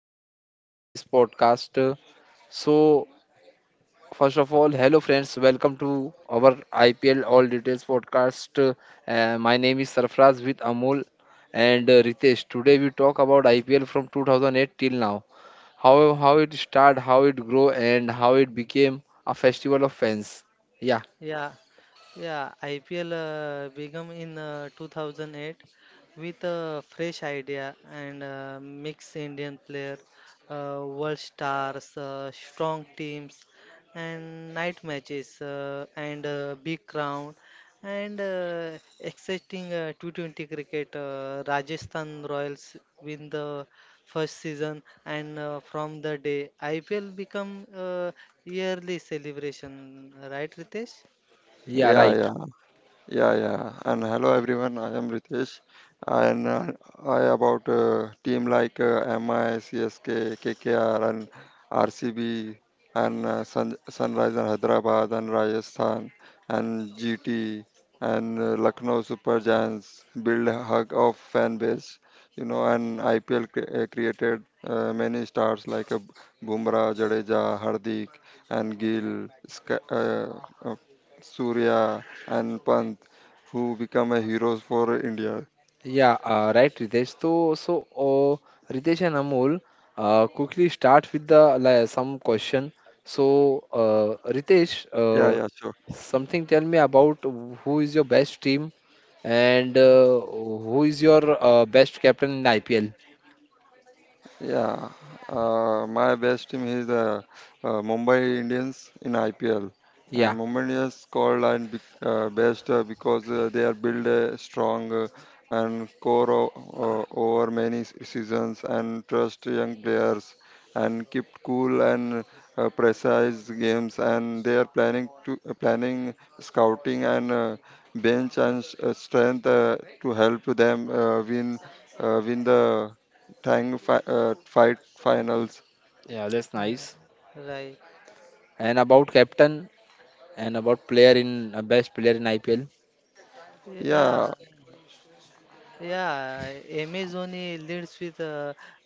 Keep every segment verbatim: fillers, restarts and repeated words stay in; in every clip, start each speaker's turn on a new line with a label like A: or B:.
A: welcome from this podcast. So, first of all, hello friends, welcome to our I P L All Details podcast. Uh, my name is Sarfraz with Amol and uh, Ritesh. Today we talk about I P L from two thousand eight till now. How how it started, how it grew, and how it became a festival of fans. Yeah,
B: Yeah, yeah. I P L uh, began in uh, two thousand eight with a fresh idea and uh, mixed Indian player, uh, world stars, uh, strong teams, and night matches, uh, and uh, big crowd, and uh, exciting uh, T twenty cricket. Uh, Rajasthan Royals win the first season, and uh, from the day I P L become uh, yearly celebration, right, Ritesh?
A: yeah,
C: Yeah,
A: right.
C: yeah. Yeah, yeah. And hello everyone. I am Ritesh, and uh, I about uh, team like uh, MI, CSK, KKR, and RCB, and uh, Sun- Sunrise and Hyderabad and Rajasthan and G T and uh, Lucknow Super Giants build a hug of fan base. You know, and I P L cre- uh, created uh, many stars like uh, Bumrah, Jadeja, Hardik, and Gill, Sk- uh, uh, Surya and Pant who become a heroes for India.
A: Yeah, uh, right, Ritesh. So, so uh, Ritesh and Amol, uh, quickly start with the like, some question. So, uh, Ritesh,
C: Yeah,
A: uh,
C: yeah, sure.
A: something tell me about who is your best team and uh, who is your uh, best captain in the I P L?
C: Yeah, uh, my best team is uh, uh, Mumbai Indians in I P L, and
A: Yeah,
C: Mumbai Indians called and be, uh, best uh, because uh, they are built uh, strong uh, and core o- o- over many s- seasons and trust young players and keep cool and uh, precise games and they are planning to uh, planning scouting and uh, bench and s- uh, strength uh, to help them uh, win uh, win the Tang fi- uh, fight finals.
A: yeah, that's
B: Uh,
A: nice.
B: right.
A: And about captain and about player in uh, best player in I P L.
C: Yeah,
B: Yeah. Yeah. Amazoni leads with a,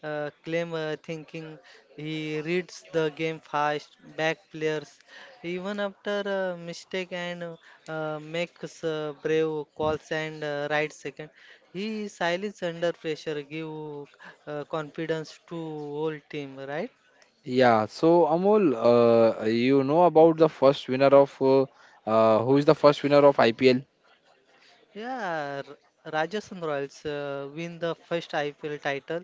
B: uh claim, uh, thinking. He reads the game fast, back players, even after a mistake, and uh, makes uh, brave calls and uh, right second. He is silent under pressure, give uh, confidence to whole team, right?
A: Yeah, so Amol, uh, you know about the first winner of uh, uh, who is the first winner of I P L?
B: Yeah, R- Rajasthan Royals uh, win the first I P L title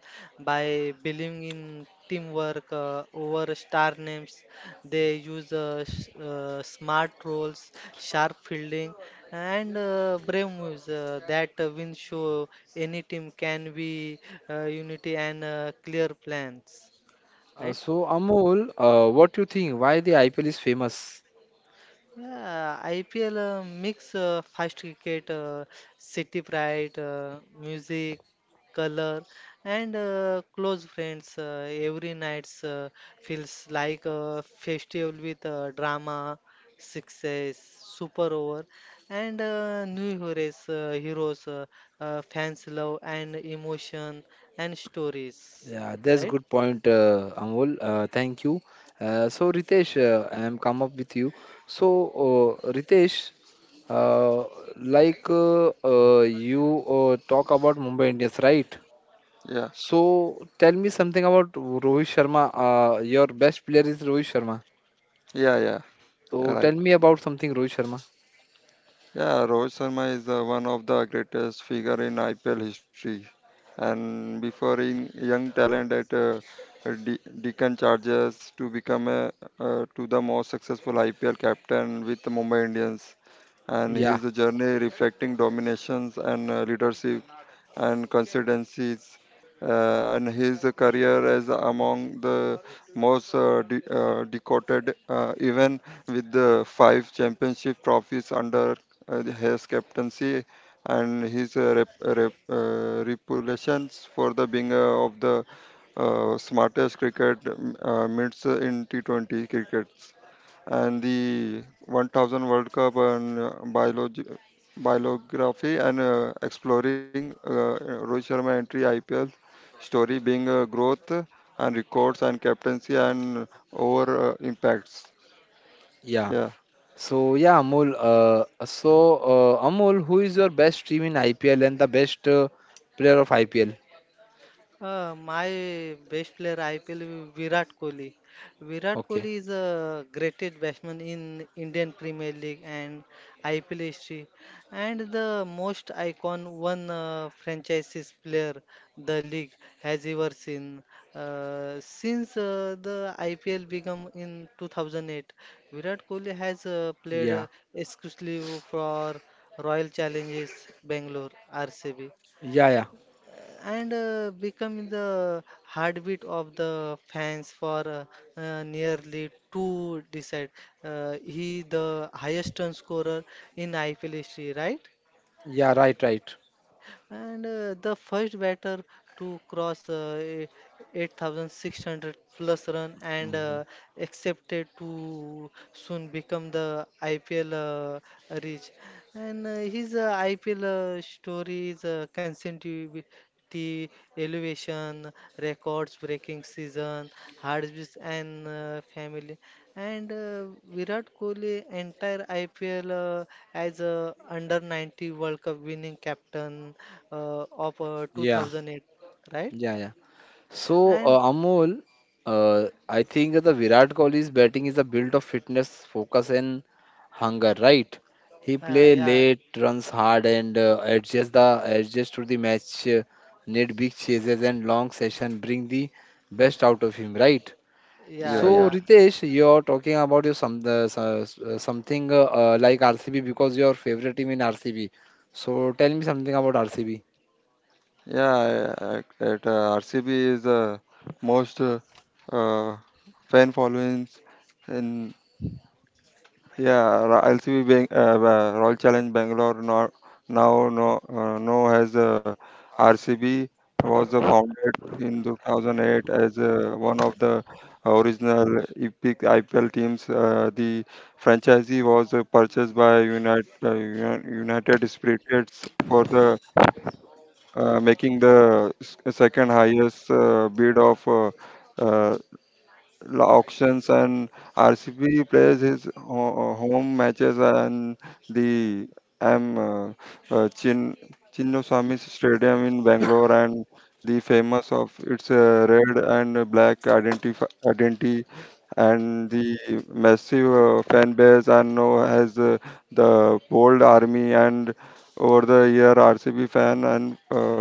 B: by believing in teamwork uh, over star names. They use uh, s- uh, smart roles, sharp fielding, and uh, brave moves uh, that uh, win show any team can be uh, unity and uh, clear plans,
A: Uh,
B: right?
A: so Amol, uh, what do you think? Why the I P L is famous?
B: Yeah, I P L uh, mix uh, fast cricket, uh, city pride, uh, music, color, and uh, close friends. Uh, every night uh, feels like a festival with uh, drama, success, super over, and uh, new heroes. Uh, heroes, uh, uh, fans love and emotion and stories,
A: Yeah, that's
B: right?
A: good point, uh, Amol. Uh, thank you. Uh, so Ritesh, uh, I am come up with you. So uh, Ritesh, uh, like uh, uh, you uh, talk about Mumbai Indians, right?
C: yeah,
A: So tell me something about Rohit Sharma. Uh, your best player is Rohit Sharma.
C: yeah, yeah. yeah,
A: So tell
C: Right.
A: me about something Rohit Sharma.
C: Yeah, Rohit Sharma is uh, one of the greatest figure in I P L history, and before in young talent at uh, De- Deccan Chargers to become a, uh, to the most successful I P L captain with the Mumbai Indians. And
A: Yeah,
C: his journey reflecting dominations and uh, leadership and constituencies uh, and his career as among the most uh, de- uh, decorated uh, even with the five championship trophies under uh, his captaincy and his uh, rep, rep, uh, reputations for the being uh, of the uh, smartest cricket um, uh, mids in T twenty cricket and the one thousand World Cup and uh, biology, biography and uh, exploring uh, Rohit Sharma entry I P L story being uh, growth and records and captaincy and over uh, impacts.
A: yeah.
C: Yeah,
A: So yeah, Amol. Uh, so uh, Amol, who is your best team in I P L and the best uh, player of I P L?
B: Uh, my best player I P L will be Virat Kohli. Virat
A: Okay.
B: Kohli is a greatest batsman in Indian Premier League and I P L history, and the most icon one uh, franchises player the league has ever seen. Uh, since uh, the I P L began in two thousand eight, Virat Kohli has uh, played
A: Yeah.
B: uh, exclusively for Royal Challengers Bangalore R C B,
A: Yeah. Yeah.
B: and uh, become the heartbeat of the fans for uh, uh, nearly two decades. Uh, he the highest run scorer in I P L history, right?
A: Yeah. Right. Right.
B: And uh, the first batter to cross uh, e- eight thousand six hundred plus run, and
A: Mhm.
B: uh, accepted to soon become the I P L uh, reach. And uh, his uh, I P L uh, story is uh, consistency, elevation, records breaking season, hardships, and uh, family, and uh, Virat Kohli entire I P L uh, as a under ninety World Cup winning captain uh, of uh,
A: Yeah.
B: two thousand eight, right?
A: Yeah. Yeah. So uh,
B: And
A: Amol, uh, I think the Virat Kohli's batting is a build of fitness, focus, and hunger. Right. He play
B: uh, yeah,
A: late, runs hard, and uh, adjusts the adjust to the match. Uh, need big chases and long session bring the best out of him. Right.
B: yeah,
C: yeah,
A: So,
C: yeah,
B: yeah,
A: Ritesh, you're talking about your some the, so- so- something uh, uh, like R C B because your favorite team in R C B. So, tell me something about R C B.
C: yeah. I- I- At uh, R C B is the most uh, uh, fan followings in Yeah, Ra- L C B being uh, uh, Royal Challenge Bangalore now now no uh, know as uh, R C B was uh, founded in two thousand eight as uh, one of the original epic I P L teams. Uh, the franchisee was uh, purchased by United uh, Uni- United Spirits for the uh, making the s- second highest uh, bid of uh, uh, auctions, and R C B plays his ho- home matches and the M uh, uh, Chin Chinnaswamy Stadium in Bangalore, and the famous of its uh, red and black identif- identity and the massive uh, fan base and now has uh, the bold army. And over the year R C B fan and uh,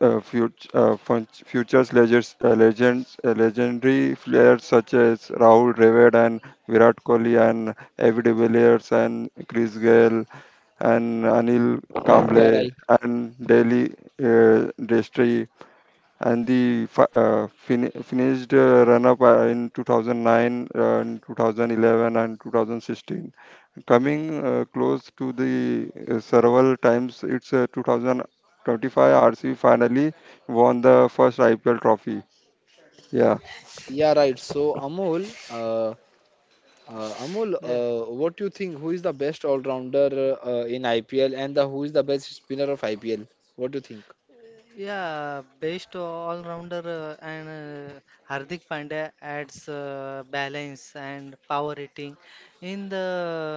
C: uh, fut- uh, fun- futures legends, uh, legends uh, legendary players such as Rahul Dravid and Virat Kohli and Avi de Villiers and Chris Gale and Anil
A: Yeah,
C: Kamble
A: right.
C: and Delhi uh, Destry and the fi- uh, fin- finished uh, run-up uh, in two thousand nine, uh, and two thousand eleven and twenty sixteen. Coming uh, close to the uh, several times, it's uh, two thousand twenty-five R C finally won the first I P L trophy. Yeah,
A: Yeah, right. So Amol, uh, uh, Amol,
B: yeah.
A: uh, what do you think? Who is the best all-rounder uh, in I P L, and the who is the best spinner of I P L? What do you think?
B: Yeah, best all-rounder uh, and uh, Hardik Pandya adds uh, balance and power hitting. In the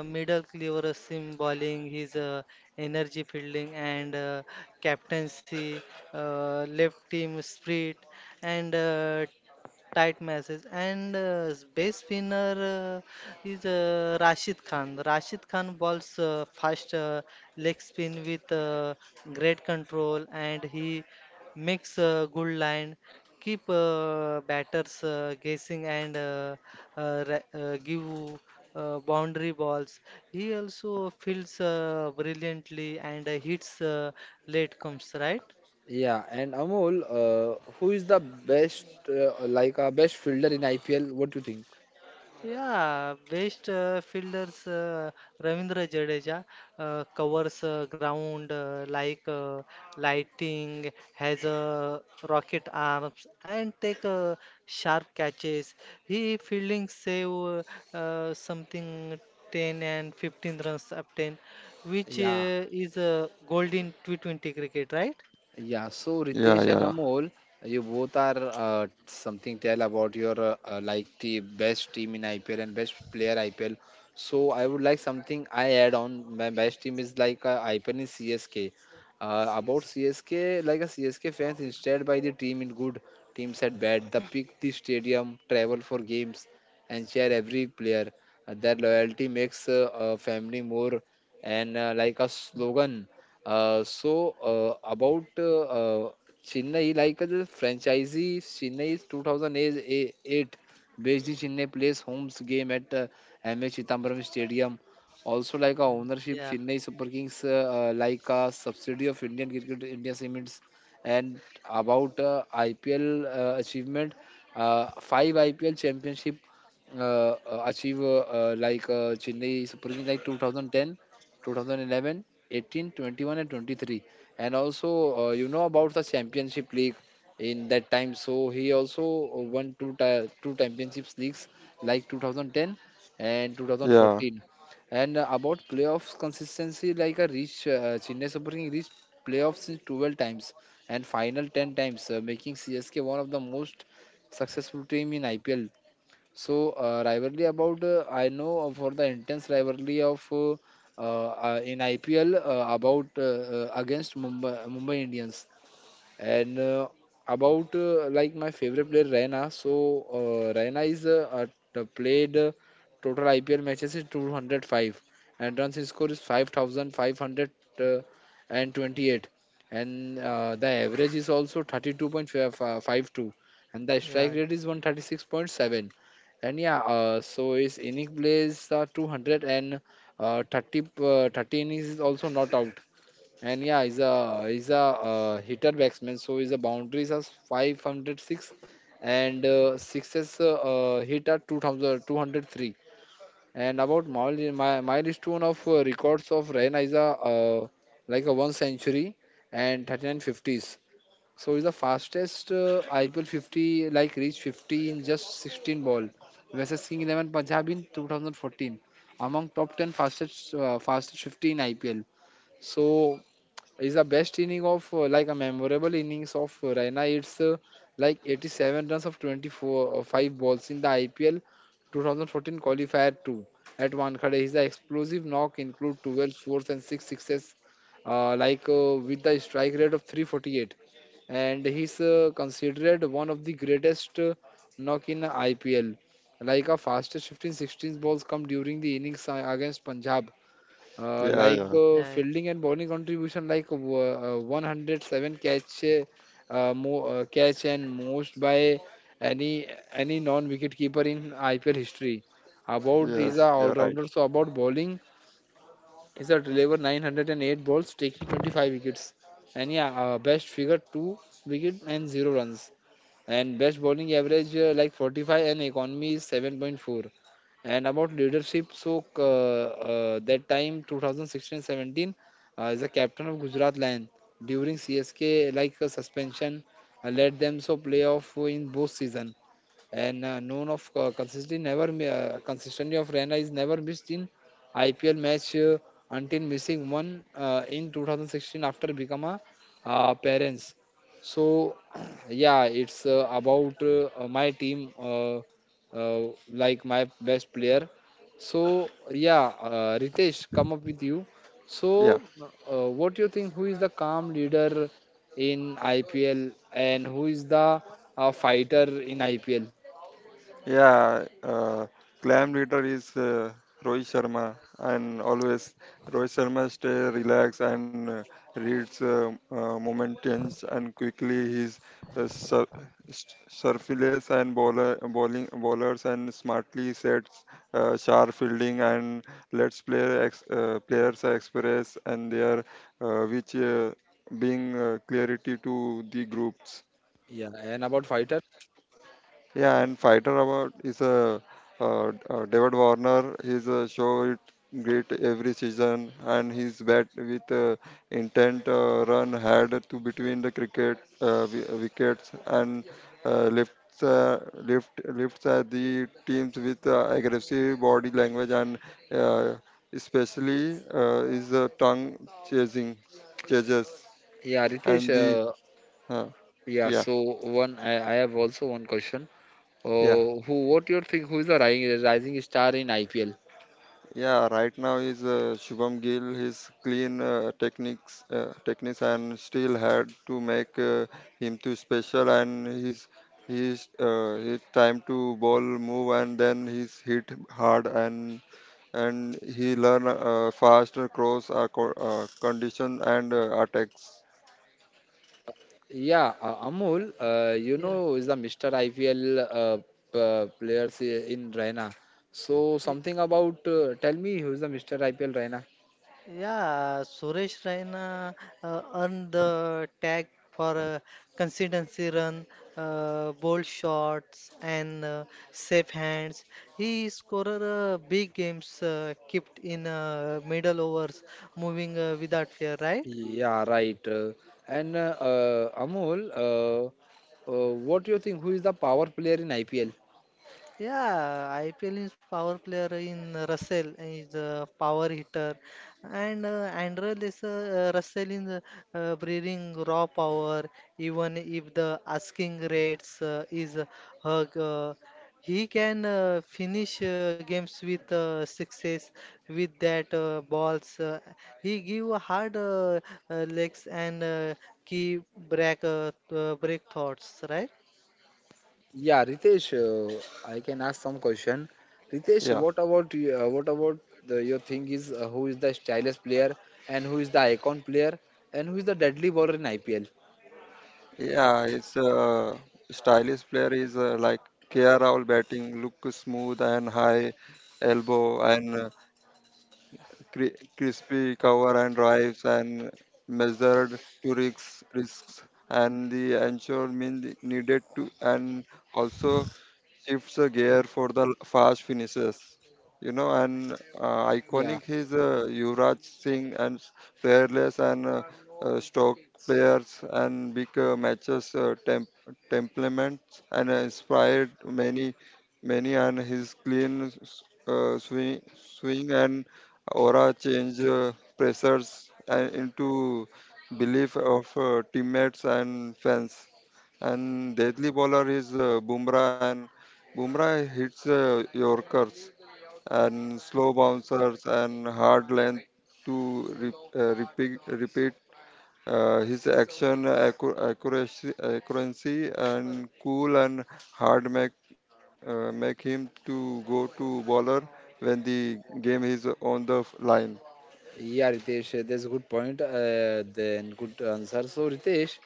B: middle cleaver seam bowling, his uh, energy fielding and uh, captaincy, uh, left team spirit and uh, tight matches, and uh, best winner uh, is uh, Rashid Khan. Rashid Khan bowls uh, fast uh, leg spin with uh, great control, and he makes uh, good line, keep uh, batters uh, guessing, and uh, uh, ra- uh, give uh, boundary balls. He also fields uh, brilliantly and uh, hits uh, late comes right.
A: Yeah, and Amol, uh, who is the best, uh, like a best fielder in I P L? What do you think?
B: Yeah, best uh, fielders, uh, Ravindra Jadeja uh, covers uh, ground uh, like uh, lighting, has uh, rocket arms and take uh, sharp catches. He fielding save uh, uh, something ten and fifteen runs up ten, which
A: Yeah.
B: uh, is uh, gold in T twenty cricket, right?
A: Yeah, so
C: yeah,
A: Ritesh and
C: yeah,
A: Amol, you both are uh, something tell about your uh, uh, like the best team in I P L and best player I P L. So I would like something I add on. My best team is like uh, I P L in CSK. Uh, about CSK, like a C S K fans instead by the team in good, teams at bad. They pick the stadium, travel for games, and share every player. Uh, their loyalty makes uh, uh, family more and uh, like a
B: Mm,
A: slogan. Uh, so uh, about uh, uh, Chennai, like uh, the franchisee Chennai is two thousand eight based in Chennai plays homes game at uh, M H. Chithambaram Stadium. Also, like a
B: mm,
A: ownership
B: yeah,
A: Chennai Super Kings, uh, uh, like a subsidiary of Indian Cricket India Cements. And about uh, I P L uh, achievement, uh, five I P L championship uh, uh, achieve uh, uh, like uh, Chennai Super Kings like two thousand ten two thousand eleven, eighteen, twenty one, and twenty three. And also, uh, you know about the Championship League in that time. So he also won two ti- two Championships leagues like two thousand ten and
C: yeah,
A: two thousand fourteen. And uh, about playoffs consistency, like a reach uh, Chennai Super King reached playoffs in twelve times and final ten times, uh, making C S K one of the most successful team in I P L. So uh, rivalry about uh, I know of- for the intense rivalry of uh, uh, uh, in I P L uh, about uh, uh, against Mumbai Mumbai Indians. And uh, about uh, like my favorite player Raina. So uh, Raina is uh, uh, the played uh, total I P L matches is two hundred five and runs he score is five thousand five hundred twenty eight and twenty-eight, and uh, the average is also thirty two point five two and the strike
B: yeah,
A: rate is one thirty six point seven and yeah uh, so his inning plays are two hundred and uh, thirty uh, thirty innings is also not out and yeah, he's a he's a uh, hitter batsman, so his boundaries are five hundred six and uh, sixes uh, uh, hit at two thousand, and about mile, mi- milestone of uh, records of Raina is a uh, like a one century and thirty nine fifties. So he's the fastest uh, I P L fifty like reached fifty in just sixteen ball versus King eleven Punjab in two thousand fourteen among top ten fastest uh, fastest fifty in I P L. So is the best inning of uh, like a memorable innings of uh, Raina. It's uh, like eighty seven runs of twenty four uh, five balls in the I P L two thousand fourteen qualifier two at Wankhede. His explosive knock include twelve fours and six sixes, uh, like uh, with the strike rate of three forty eight, and he's uh, considered one of the greatest uh, knock in I P L. Like a fastest fifteen sixteen balls come during the innings uh, against Punjab, uh,
B: mm,
C: yeah,
A: like
B: mm,
C: yeah.
A: uh,
B: yeah, yeah,
A: fielding and bowling contribution like w- uh, one hundred seven catch, uh, uh, mo uh, catch and most by any any non-wicket keeper in I P L history. About is
B: yeah.
A: a
C: Yes,
B: Right.
C: you're right.
A: all-rounder. So about bowling is a deliver nine hundred eight balls taking twenty five wickets. And yeah, uh, best figure two wicket and zero runs. And best bowling average uh, like forty five and economy is seven point four. And about leadership, so uh, uh, that time twenty sixteen-seventeen uh, as a captain of Gujarat Lion during C S K like a suspension uh, led them so playoff in both season and uh, known of uh, consistency never mi- uh, consistency of Rana is never missed in I P L match uh, until missing one uh, in two thousand sixteen after become a uh, parents. So yeah, it's uh, about uh, uh, my team, uh, uh, like my best player. So yeah, uh, Ritesh, come up with you.
C: Yeah.
A: So uh, what do you think? Who is the calm leader in I P L and who is the uh, fighter in I P L?
C: Yeah, uh, clam leader is uh, Rohit Sharma, and always Rohit Sharma stay relaxed and uh, reads uh, uh, moment tense, and quickly he's uh, sur- s- surface and bowler bowling bowlers and smartly sets uh, sharp fielding and lets player ex- uh, players express and their uh, which uh, being uh, clarity to the groups.
A: Yeah, and about fighter?
C: Yeah, and Fighter Award is a uh, uh, David Warner. He's a show it great every season, and his bat with uh, intent uh, run had to between the cricket uh, wi- uh, wickets and uh, lifts uh, lift lifts at the teams with uh, aggressive body language and uh, especially uh, is uh, tongue chasing chasers
A: Yeah, Ritesh.
C: and the
A: Uh,
C: uh,
A: yeah,
C: yeah,
A: so one, I, I have also one question.
C: yeah.
A: Uh, who, what you think? Who is the rising, rising star in I P L?
C: Yeah, right now is uh, Shubham Gill. His clean uh, techniques, uh, techniques, and still had to make uh, him too special. And his his uh, his time to ball move, and then he's hit hard, and and he learn uh, fast cross uh, co- uh, condition and uh, attacks.
A: Yeah, uh, Amul, uh, you
B: Yeah.
A: know, is the mister I P L uh, p- players i- in Raina. So something about uh, tell me who is the mister I P L Raina?
B: Yeah, Suresh Raina uh, earned the tag for uh, consistency run, uh, bold shots, and uh, safe hands. He scored uh, big games, uh, kept in uh, middle overs, moving uh, without fear, right?
A: Yeah, right. Uh, and uh, uh, Amul, uh, uh, what do you think? Who is the power player in I P L?
B: Yeah, I P L is power player in Russell is a power hitter, and uh, Andrel is uh, uh, Russell in the, uh, bringing raw power. Even if the asking rates uh, is uh, hug, uh, he can uh, finish uh, games with uh, success with that uh, balls. Uh, he give hard uh, uh, legs, and uh, key break uh, uh, break thoughts, right?
A: Yeah, Ritesh, uh, I can ask some question. Ritesh,
C: Yeah,
A: what about you, uh, what about the, your thing is uh, who is the stylish player and who is the icon player and who is the deadly bowler in I P L?
C: yeah. His uh, stylish player is uh, like Kia Rahul batting, look smooth and high elbow and uh, cri- crispy cover and drives and measured to risks risks and the ensure mean needed to, and also shifts the gear for the fast finishes. You know, and uh,
A: Yeah.
C: iconic his uh, Yuvraj Singh and fearless and uh, uh, stock players and big uh, matches uh, temp- temperaments and uh, inspired many many, and his clean uh, swing swing and aura change uh, pressures and into belief of uh, teammates and fans, and deadly bowler is uh, Bumrah. And Bumrah hits uh, Yorkers and slow bouncers and hard length to re- uh, repeat, repeat uh, his action accu- accuracy, accuracy and cool, and hard make uh, make him to go to bowler when the game is on the f- line.
A: Yeah, Ritesh, uh, that's a good point. Uh, then good answer. So, Ritesh,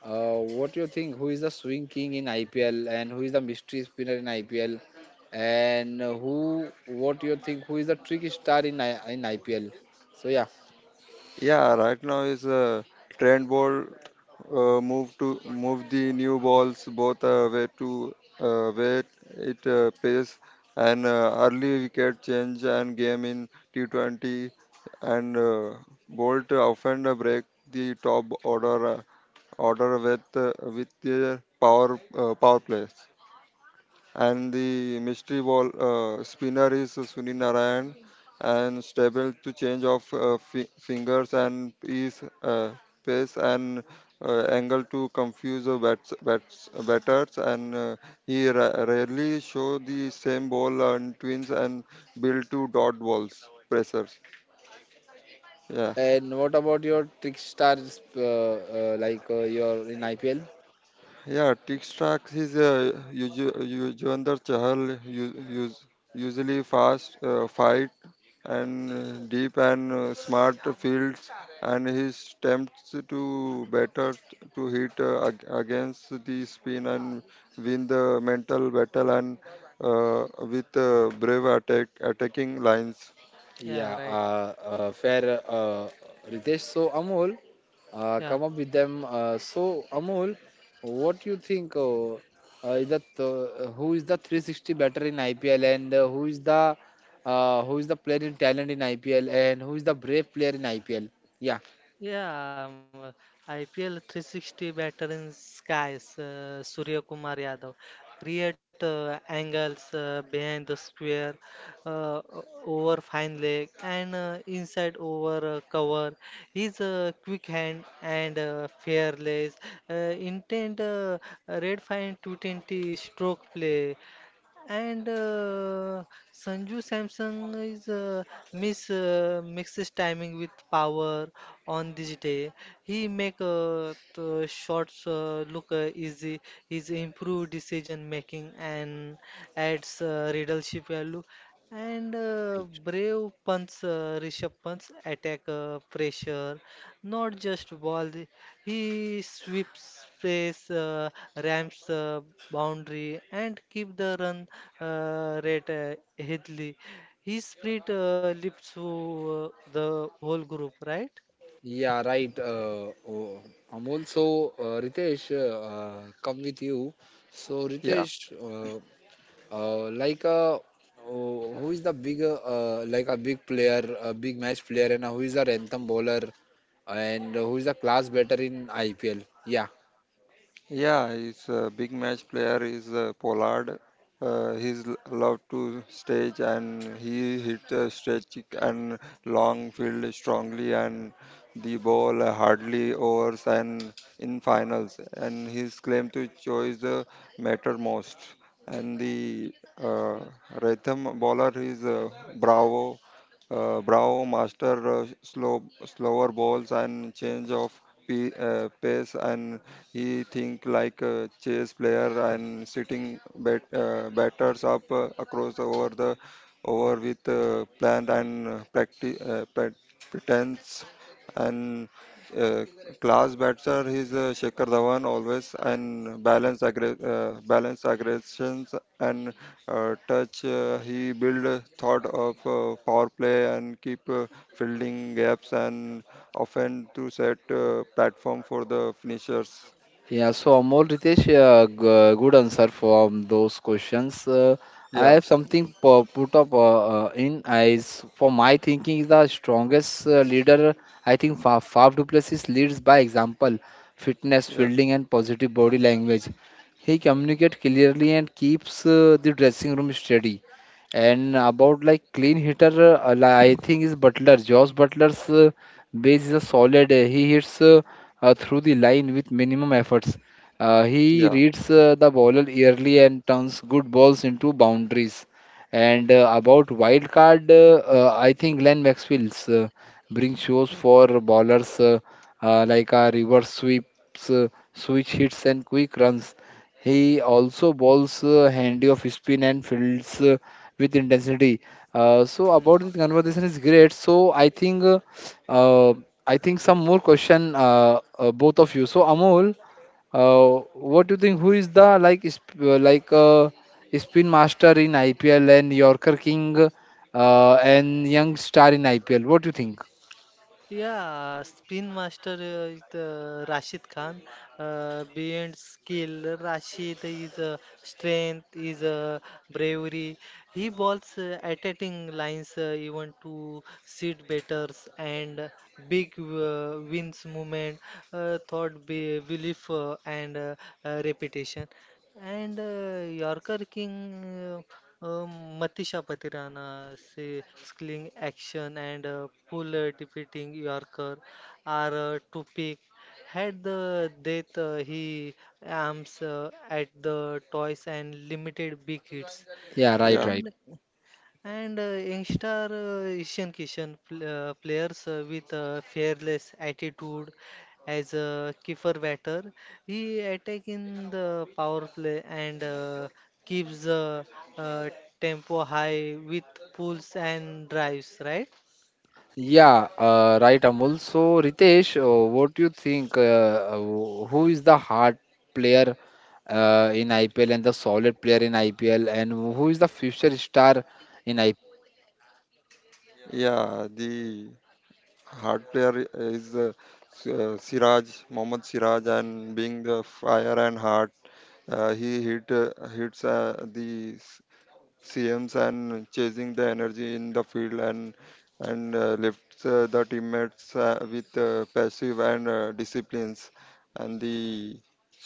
A: uh, what you think? Who is the swing king in I P L and who is the mystery spinner in I P L? And uh, who? What you think? Who is the trick star in I- in I P L? So yeah.
C: Yeah, right now is uh, trend ball uh, move to move the new balls both uh, way to uh, way it uh, pace and uh, early wicket change and game in T twenty and uh, Bolt often break the top order uh, order with uh, with their power uh, power play. And the mystery ball uh, spinner is Sunil Narayan, and stable to change of uh, fi- fingers and is uh, pace and uh, angle to confuse the bats, bats, batters, and uh, he ra- rarely show the same ball on twins and build to dot balls pressers. Yeah.
A: And what about your trickstars, uh, uh, like uh, your in I P L?
C: Yeah, TikTok is uh, usu- Yuzvendra Chahal u- use- usually fast uh, fight and uh, deep and uh, smart fields, and his attempts to batter to hit uh, ag- against the spin and win the mental battle and uh, with uh, brave attack attacking lines.
A: Yeah,
B: Yeah. Right.
A: uh, uh, fair, uh, Ritesh. So Amol, uh, come
B: Yeah.
A: up with them. Uh, so Amol, what you think? Uh, uh, is that uh, who is the three sixty batter in I P L, and uh, who is the uh, who is the player in talent in I P L, and who is the brave player in I P L? Yeah.
B: Yeah, um, I P L three sixty veteran skies, uh, Surya Kumar Yadav. Create uh, angles uh, behind the square, uh, o- over fine leg, and uh, inside over uh, cover. His uh, quick hand and uh, fearless. Uh, Intent uh, red fine two twenty stroke play. And uh, Sanju Samson is uh, miss uh, mixes timing with power on this day. He make uh, the shots uh, look uh, easy. His improved decision making and adds uh, readership value. And uh, brave punts, uh, Rishabh punts attack uh, pressure, not just ball, he sweeps space, uh, ramps uh, boundary, and keep the run uh, rate uh, healthy. His spirit uh, lifts uh, the whole group, right?
A: Yeah, right. Uh, oh, Amol. So, uh, Ritesh, uh, uh, come with you. So,
C: Yeah.
A: Ritesh, uh, uh, like a oh, who is the big, uh, uh, like a big player, a big match player, and who is the anthem bowler, and who is the class better in I P L? Yeah.
C: Yeah, his uh, big match player is uh, Pollard. Uh, he's l- love to stage, and he hit a stretch kick and long field strongly and the ball hardly overs and in finals, and his claim to choice the matter most. And the uh, rhythm bowler is uh, Bravo uh, Bravo master uh, slow slower balls and change of pe- uh, pace, and he think like a chess player and sitting bat, uh, batters up uh, across the- over the over with uh, plan and uh, practice uh, pre- pretense and uh, class batter. He's uh, Shekhar Dhawan always and balance aggre- uh, balance aggressions and uh, touch uh, he build a thought of uh, power play and keep uh, fielding gaps, and often to set uh, platform for the finishers.
A: Yeah, so Amol Ritesh, uh, g- good answer from those questions. Uh, I
C: Yeah,
A: have something pu- put up uh, uh, in eyes for my thinking is the strongest uh, leader. I think Fa- Faf du Plessis leads by example, fitness,
C: yeah,
A: fielding, and positive body language. He communicates clearly and keeps uh, the dressing room steady. And about like clean hitter, uh, li- I think is Butler, Josh Butler's. Uh, Base is a solid. uh, He hits uh, uh, through the line with minimum efforts. Uh, he
C: yeah,
A: reads uh, the bowler early and turns good balls into boundaries. And uh, about wild card, uh, uh, I think Glenn Maxwell's uh, brings shows for bowlers, uh, uh, like uh, reverse sweeps, uh, switch hits, and quick runs. He also bowls uh, handy off spin and fields uh, with intensity. Uh, so
B: Hmm.
A: about this conversation is great. So I think. uh, uh, I think some more question, uh, uh, both of you. So Amol, uh, what do you think? Who is the like sp- uh, like uh, spin master in I P L and Yorker King uh, and young star in I P L? What do you think?
B: Yeah, Spin Master uh, is uh, Rashid Khan. Uh, beyond skill, Rashid is uh, strength, is uh, bravery. He bowls uh, attacking lines uh, even to seat batters and big uh, wins movement, uh, thought be belief uh, and uh, uh, repetition. And uh, Yorker King, uh, um, Matisha Patirana, say, sling action and uh, puller defeating Yorker are uh, to pick. Had the death uh, he arms uh, at the toys and limited big hits.
A: Yeah, right,
C: yeah,
A: right.
B: And and uh, youngster uh, Ishan Kishan pl uh, players uh, with a fearless attitude as a keeper batter. He attack in the power play and uh, keeps the uh, tempo high with pulls and drives, right?
A: Yeah, uh, right, Amol. So Ritesh, uh, what do you think? Uh, uh, wh- who is the hard player uh, in I P L and the solid player in I P L, and who is the future star in I P L?
C: yeah. The hard player is uh, S- uh, Siraj, Mohammad Siraj, and being the fire and heart, uh, he hit uh, hits uh, the s- C Ms and chasing the energy in the field, and and uh, lifts uh, the teammates uh, with uh, passive and uh, disciplines. And the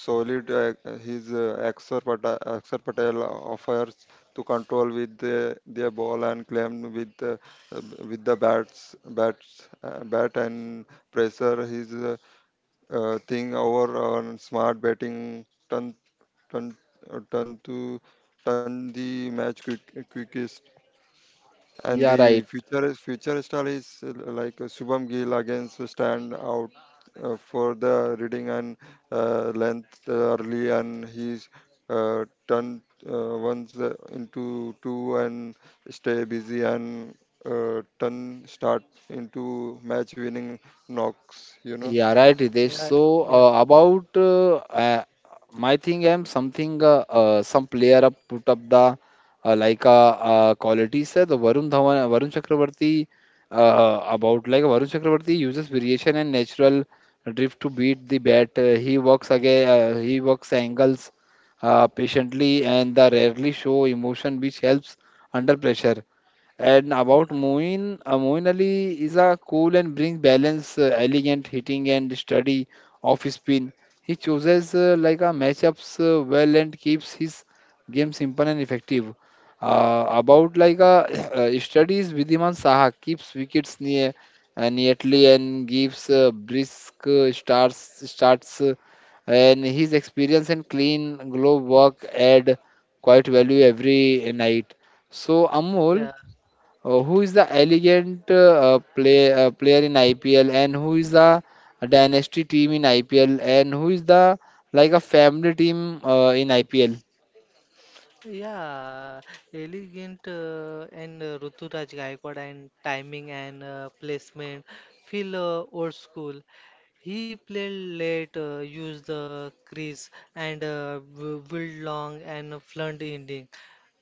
C: solid uh, his uh, Akshar Patel, Akshar Patel offers to control with the, their ball and claim with uh, with the bats bats uh, bat, and pressure his uh, uh, thing over on smart batting turn turn uh, turn to turn the match quick, quickest. And
A: Yeah,
C: the
A: right.
C: future future star is uh, like uh, Shubham Gill against uh, stand out uh, for the reading and uh, length uh, early, and he's uh, turned uh, once uh, into two and stay busy and uh, turn start into match winning knocks. You know,
A: Yeah, right, Ritesh.
B: Yeah,
A: So
B: yeah,
A: uh, about uh, uh, my thing, I'm something uh, uh, some player up put up the uh, like uh, uh, qualities. Uh, the Varun Dhawan, Varun Chakravarti uh, uh, about like Varun Chakravarti uses variation and natural drift to beat the bat. Uh, he works again. Uh, he works angles uh, patiently and the rarely show emotion, which helps under pressure. And about
B: yeah.
A: Moin, uh, Moin Ali is a cool and brings balance, uh, elegant hitting and study off spin. He chooses uh, like a matchups uh, well and keeps his game simple and effective. Uh, about like a uh, studies Vidhiman Saha keeps wickets near uh, neatly and gives uh, brisk uh, starts starts uh, and his experience and clean glove work add quite value every night. So
B: Yeah.
A: Amol. Uh, who is the elegant uh, play, uh, player in I P L, and who is the dynasty team in I P L, and who is the like a family team uh, in I P L?
B: Yeah, elegant uh, and uh, Ruturaj Gaikwad and timing and uh, placement feel uh, old school. He played late, uh, used the crease and uh, bu- build long and fluent ending.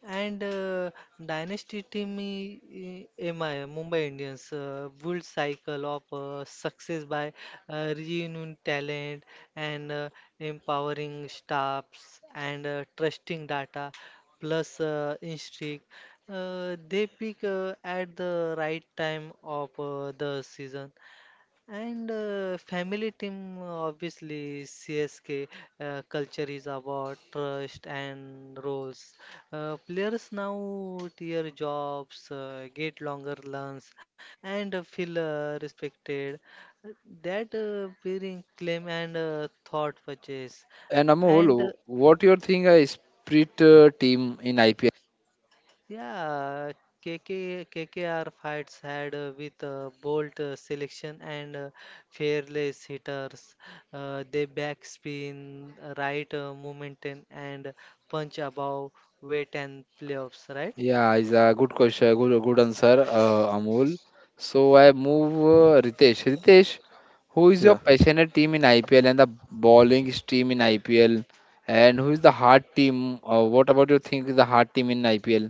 B: And uh, dynasty team i- i- M I, Mumbai Indians uh, build cycle of uh, success by uh, renewing talent and uh, empowering staffs and uh, trusting data plus uh, instinct. Uh, they pick uh, at the right time of uh, the season. And uh, family team, uh, obviously, C S K uh, culture is about trust and roles. Uh, players now tier jobs, uh, get longer runs, and uh, feel uh, respected. That uh, bearing claim and uh, thought purchase.
A: And
B: And uh,
A: Amol, what you think a split uh, team in I P L?
B: yeah, K K K K K R fights had uh, with uh, bolt uh, selection and uh, fearless hitters. Uh, they backspin, uh, right uh, momentum, and punch above weight and playoffs, right?
A: Yeah, is a good question, good, good answer, uh, Amol. So I move uh, Ritesh. Ritesh, who is your
C: yeah.
A: passionate team in I P L and the bowling team in I P L? And who is the hard team? Uh, what about you think is the hard team in I P L?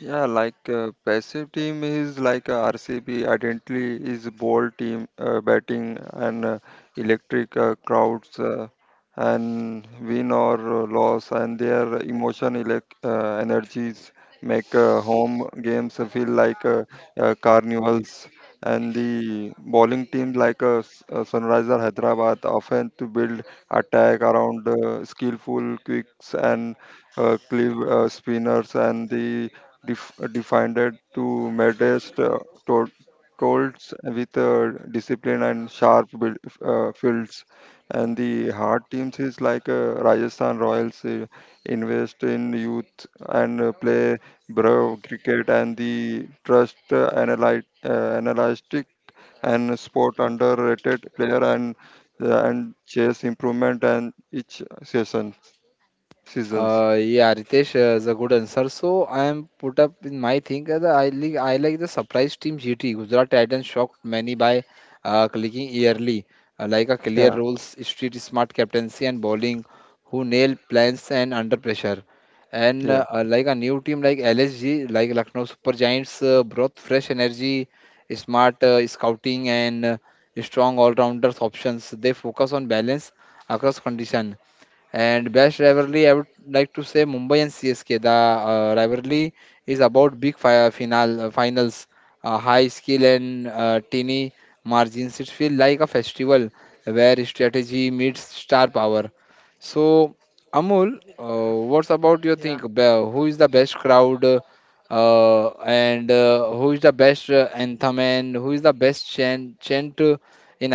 C: Yeah, like uh, passive team is like uh, R C B identity is ball team uh, batting and uh, electric uh, crowds uh, and win or uh, loss, and their emotion elec- uh, energies make uh, home games feel like uh, uh, carnivals. And the bowling team like uh, S- uh, Sunrisers Hyderabad often to build attack around uh, skillful quicks and uh, cleave uh, spinners, and the def- defined it to modest uh, to- tolls with uh, discipline and sharp build, uh, fields. And the hard teams is like uh, Rajasthan Royals uh, invest in youth and uh, play brave cricket and the trust uh, analy- uh, analytic and sport underrated player and uh, and chase improvement and each session seasons.
A: Uh, yeah, Ritesh uh, is a good answer. So I am put up in my thing. uh, the- I like I like the surprise team G T. Gujarat Titans shocked many by uh, clicking yearly, uh, like a clear
C: Yeah,
A: roles, street smart captaincy and bowling, who nail plans and under pressure. And uh,
C: yeah,
A: uh, like a new team like L S G, like Lucknow Super Giants, uh, brought fresh energy, smart uh, scouting, and uh, strong all-rounders options. They focus on balance across condition. And best rivalry, I would like to say Mumbai and C S K. The uh, rivalry is about big fi- final uh, finals, uh, high skill, and uh, teeny margins. It feels like a festival where strategy meets star power. So, Amul, uh, what's about
B: Yeah,
A: you think? Be- Who is the best crowd, uh, uh, and uh, who is the best uh, anthem, and who is the best chant, chant uh, in?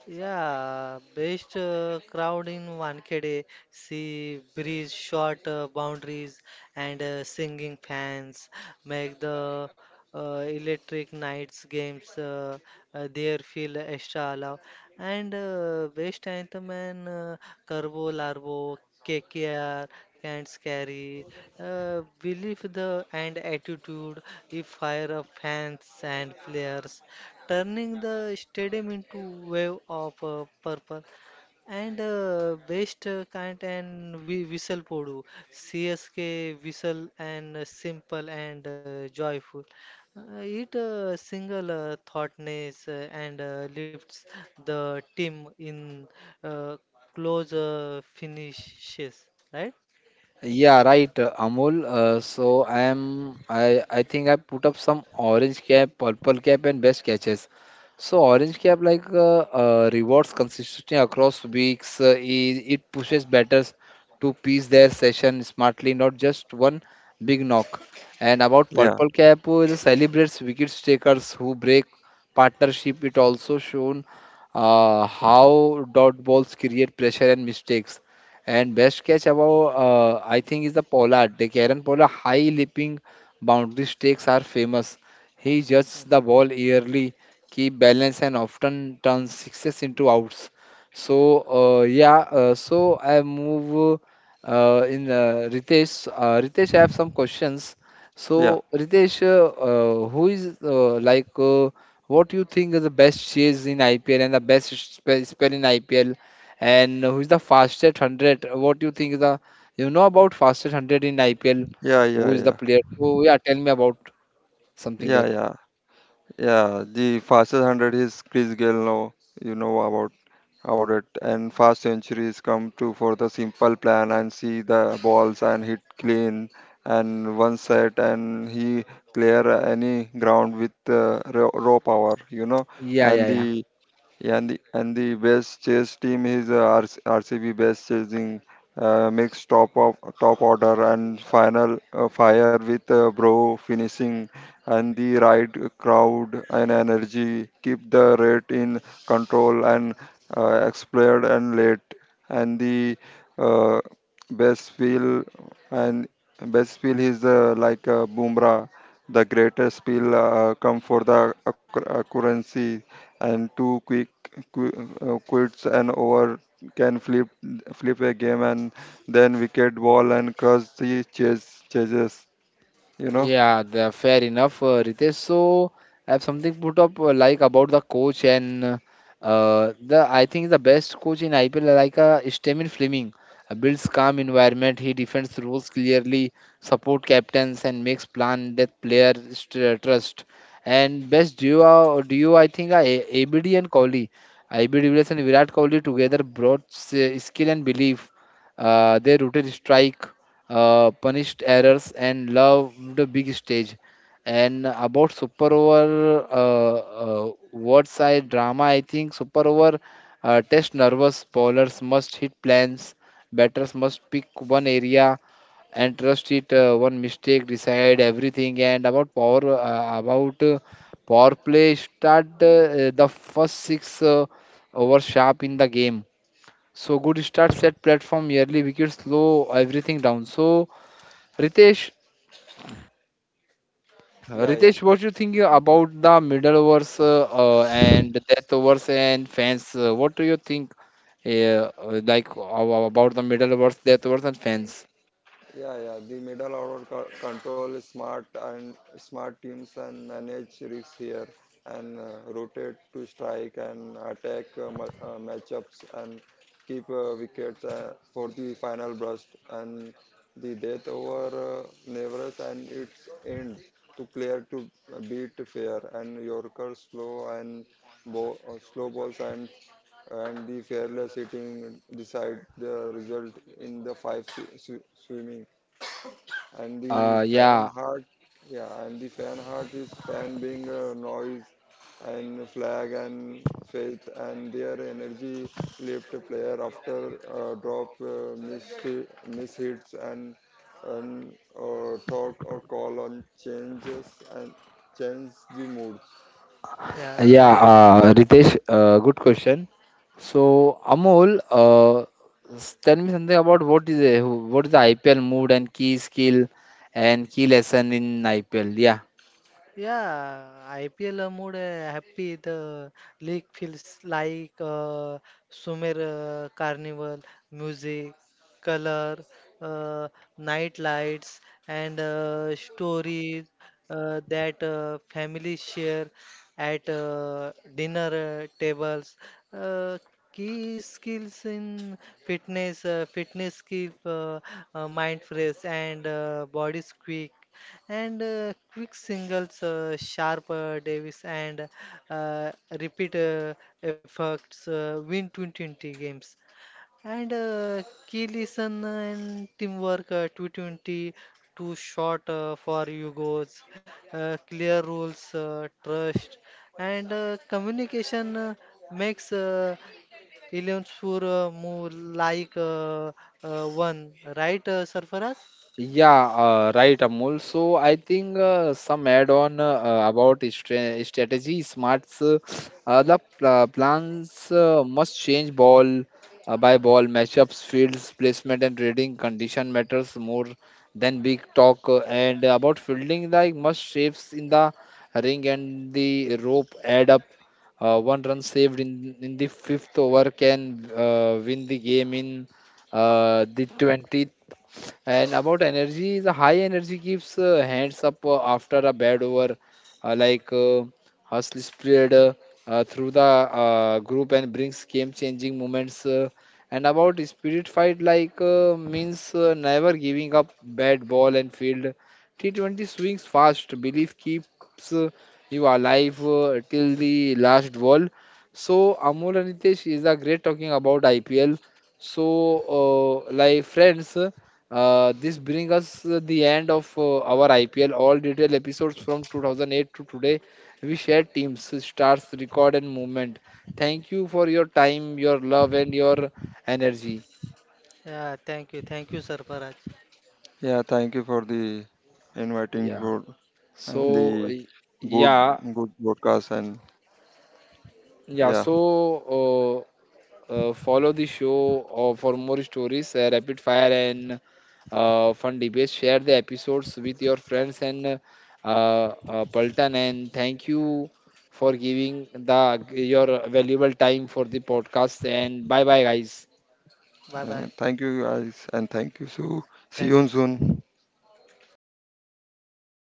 B: yeah, best uh, crowd in Wankhede, sea breeze, short uh, boundaries, and uh, singing fans make the uh, electric nights games uh, uh, there feel extra alive. And uh, best anthem, and uh, Carbo Larbo, K K R, Can't Carry, uh, believe the and attitude if fire of fans and players, turning the stadium into wave of uh, purple, and uh, best uh, kind, and we whistle podu C S K whistle, and uh, simple and uh, joyful uh, it uh, single uh, thoughtness, uh, and uh, lifts the team in uh, close uh, finishes, right.
A: Yeah, right, uh, Amol. Uh, so I am. I I think I put up some orange cap, purple cap, and best catches. So orange cap like uh, uh, rewards consistently across weeks. Uh, it, it pushes batters to piece their session smartly, not just one big knock. And about
C: yeah,
A: purple cap, uh, it celebrates wicket takers who break partnership. It also shown uh, how dot balls create pressure and mistakes. And best catch above, uh, I think, is the Pollard. The Karen Pollard high leaping boundary stakes are famous. He judges
B: Mhm.
A: the ball early, keep balance, and often turns sixes into outs. So uh, yeah, uh, so I move uh, in uh, Ritesh. Uh, Ritesh, I have some questions.
C: yeah,
A: So Ritesh, uh, uh, who is uh, like uh, what you think is the best chase in I P L and the best spe- spell in I P L? And who's the fastest hundred? What do you think is the, you know about fastest hundred in I P L?
C: yeah,
A: Who
C: yeah,
A: is the
C: yeah.
A: player? So yeah, tell me about something
C: Yeah,
A: that.
C: yeah, yeah. The fastest hundred is Chris Gayle. Now you know about about it. And fast centuries come to for the simple plan and see the balls and hit clean and one set, and he clear any ground with uh, raw, raw power. You know,
A: Yeah,
C: and
A: yeah, yeah.
C: the yeah, and the, and the best chase team is uh, R C, best chasing uh, makes top of top order and final uh, fire with uh, bro finishing, and the right crowd and energy keep the rate in control and uh, explode and late. And the uh, best feel and best feel is uh, like uh, Bumrah, the greatest feel uh, come for the occur- accuracy and too quick qu- uh, quits an over, can flip flip a game and then wicket ball and crush the chase chases, you know.
A: Yeah, the fair enough, uh, Ritesh. So I have something put up uh, like about the coach and uh, uh, the I think the best coach in I P L like uh, Stammen Fleming uh, builds calm environment. He defends rules clearly, support captains and makes plan that player st- uh, trust. And best duo duo I think uh, A- ABD and Kohli, A B D Williams and Virat Kohli together brought s- skill and belief. Uh, they rooted strike, uh, punished errors, and loved the big stage. And about Super Over, uh, uh, what's I drama? I think Super Over uh, test nervous bowlers must hit plans, batters must pick one area and trust it. Uh, one mistake decide everything. And about power, uh, about uh, power play, start uh, the first six uh, over sharp in the game. So good start set platform, yearly wickets slow everything down. So Ritesh,
C: Yeah, yeah.
A: Ritesh, what you think about the middle overs uh, uh, and death overs and fans? Uh, what do you think, uh, uh, like uh, about the middle overs, death overs, and fans?
C: Yeah, yeah. The middle order co- control smart and smart teams and manage risks here, and uh, rotate to strike and attack uh, ma- uh, matchups and keep uh, wickets uh, for the final burst. And the death over uh, Nevers and its end to clear to beat fair and Yorker slow and bo- uh, slow balls and and the fearless hitting decide the result in the five swi- swi- swimming and the
A: Uh,
C: fan
A: yeah,
C: heart. Yeah. And the fan heart is fan being uh, noise and flag and faith, and their energy left a player after uh, drop uh, miss miss hits and and uh, thought or call on changes and change the moods.
B: Yeah.
A: yeah.
B: Right.
A: Uh, Ritesh, uh, good question. So Amol, uh, s- tell me something about what is a, what is the I P L mood and key skill and key lesson in I P L? Yeah.
B: Yeah, I P L mood uh, happy. The league feels like uh, Sumer uh, carnival, music, color, uh, night lights, and uh, stories uh, that uh, families share at uh, dinner uh, tables. Uh, Key skills in fitness, uh, fitness keep uh, uh, mind fresh and uh, body quick, and uh, quick singles, uh, sharp uh, Davis, and uh, repeat uh, efforts uh, win twenty twenty games. And uh, key listen and teamwork, uh, two twenty two shot uh, for Yugos, uh, clear rules, uh, trust, and uh, communication uh, makes uh, eleven for uh, move like uh, uh, one, right, uh, Sarfaraz?
A: Yeah, uh, right, Amol. So I think uh, some add-on uh, about stra strategy smarts. Uh, uh, the pl plans uh, must change ball uh, by ball matchups, fields, placement, and trading condition matters more than big talk. Uh, and about fielding, like must shapes in the ring and the rope add up. Uh, one run saved in in the fifth over can uh, win the game in uh, the twentieth. And about energy, the high energy gives uh, hands up uh, after a bad over, uh, like uh, hustle spread uh, uh, through the uh, group and brings game-changing moments. Uh, and about spirit fight, like uh, means uh, never giving up bad ball and field. T twenty swings fast, belief keeps uh, you alive uh, till the last ball. So Amol and Ritesh is a great talking about I P L. So, uh, like friends. Uh, this brings us uh, the end of uh, our I P L. All detailed episodes from two thousand eight to today. We share teams, stars, record, and movement. Thank you for your time, your love, and your energy.
B: Yeah, thank you, thank you, Sarfaraz.
C: Yeah. Thank you for the inviting
A: Yeah.
C: for and the
A: So, y-
C: good
A: yeah,
C: good broadcast. And yeah,
A: yeah. So, uh, Uh, follow the show uh, for more stories, uh, rapid fire, and uh, fun debates. Share the episodes with your friends and uh, uh, Paltan. And thank you for giving the your valuable time for the podcast. And bye bye, guys.
B: Bye bye.
C: Uh, thank you, guys, and thank you. So see
B: Thank.
C: you soon.
B: Okay.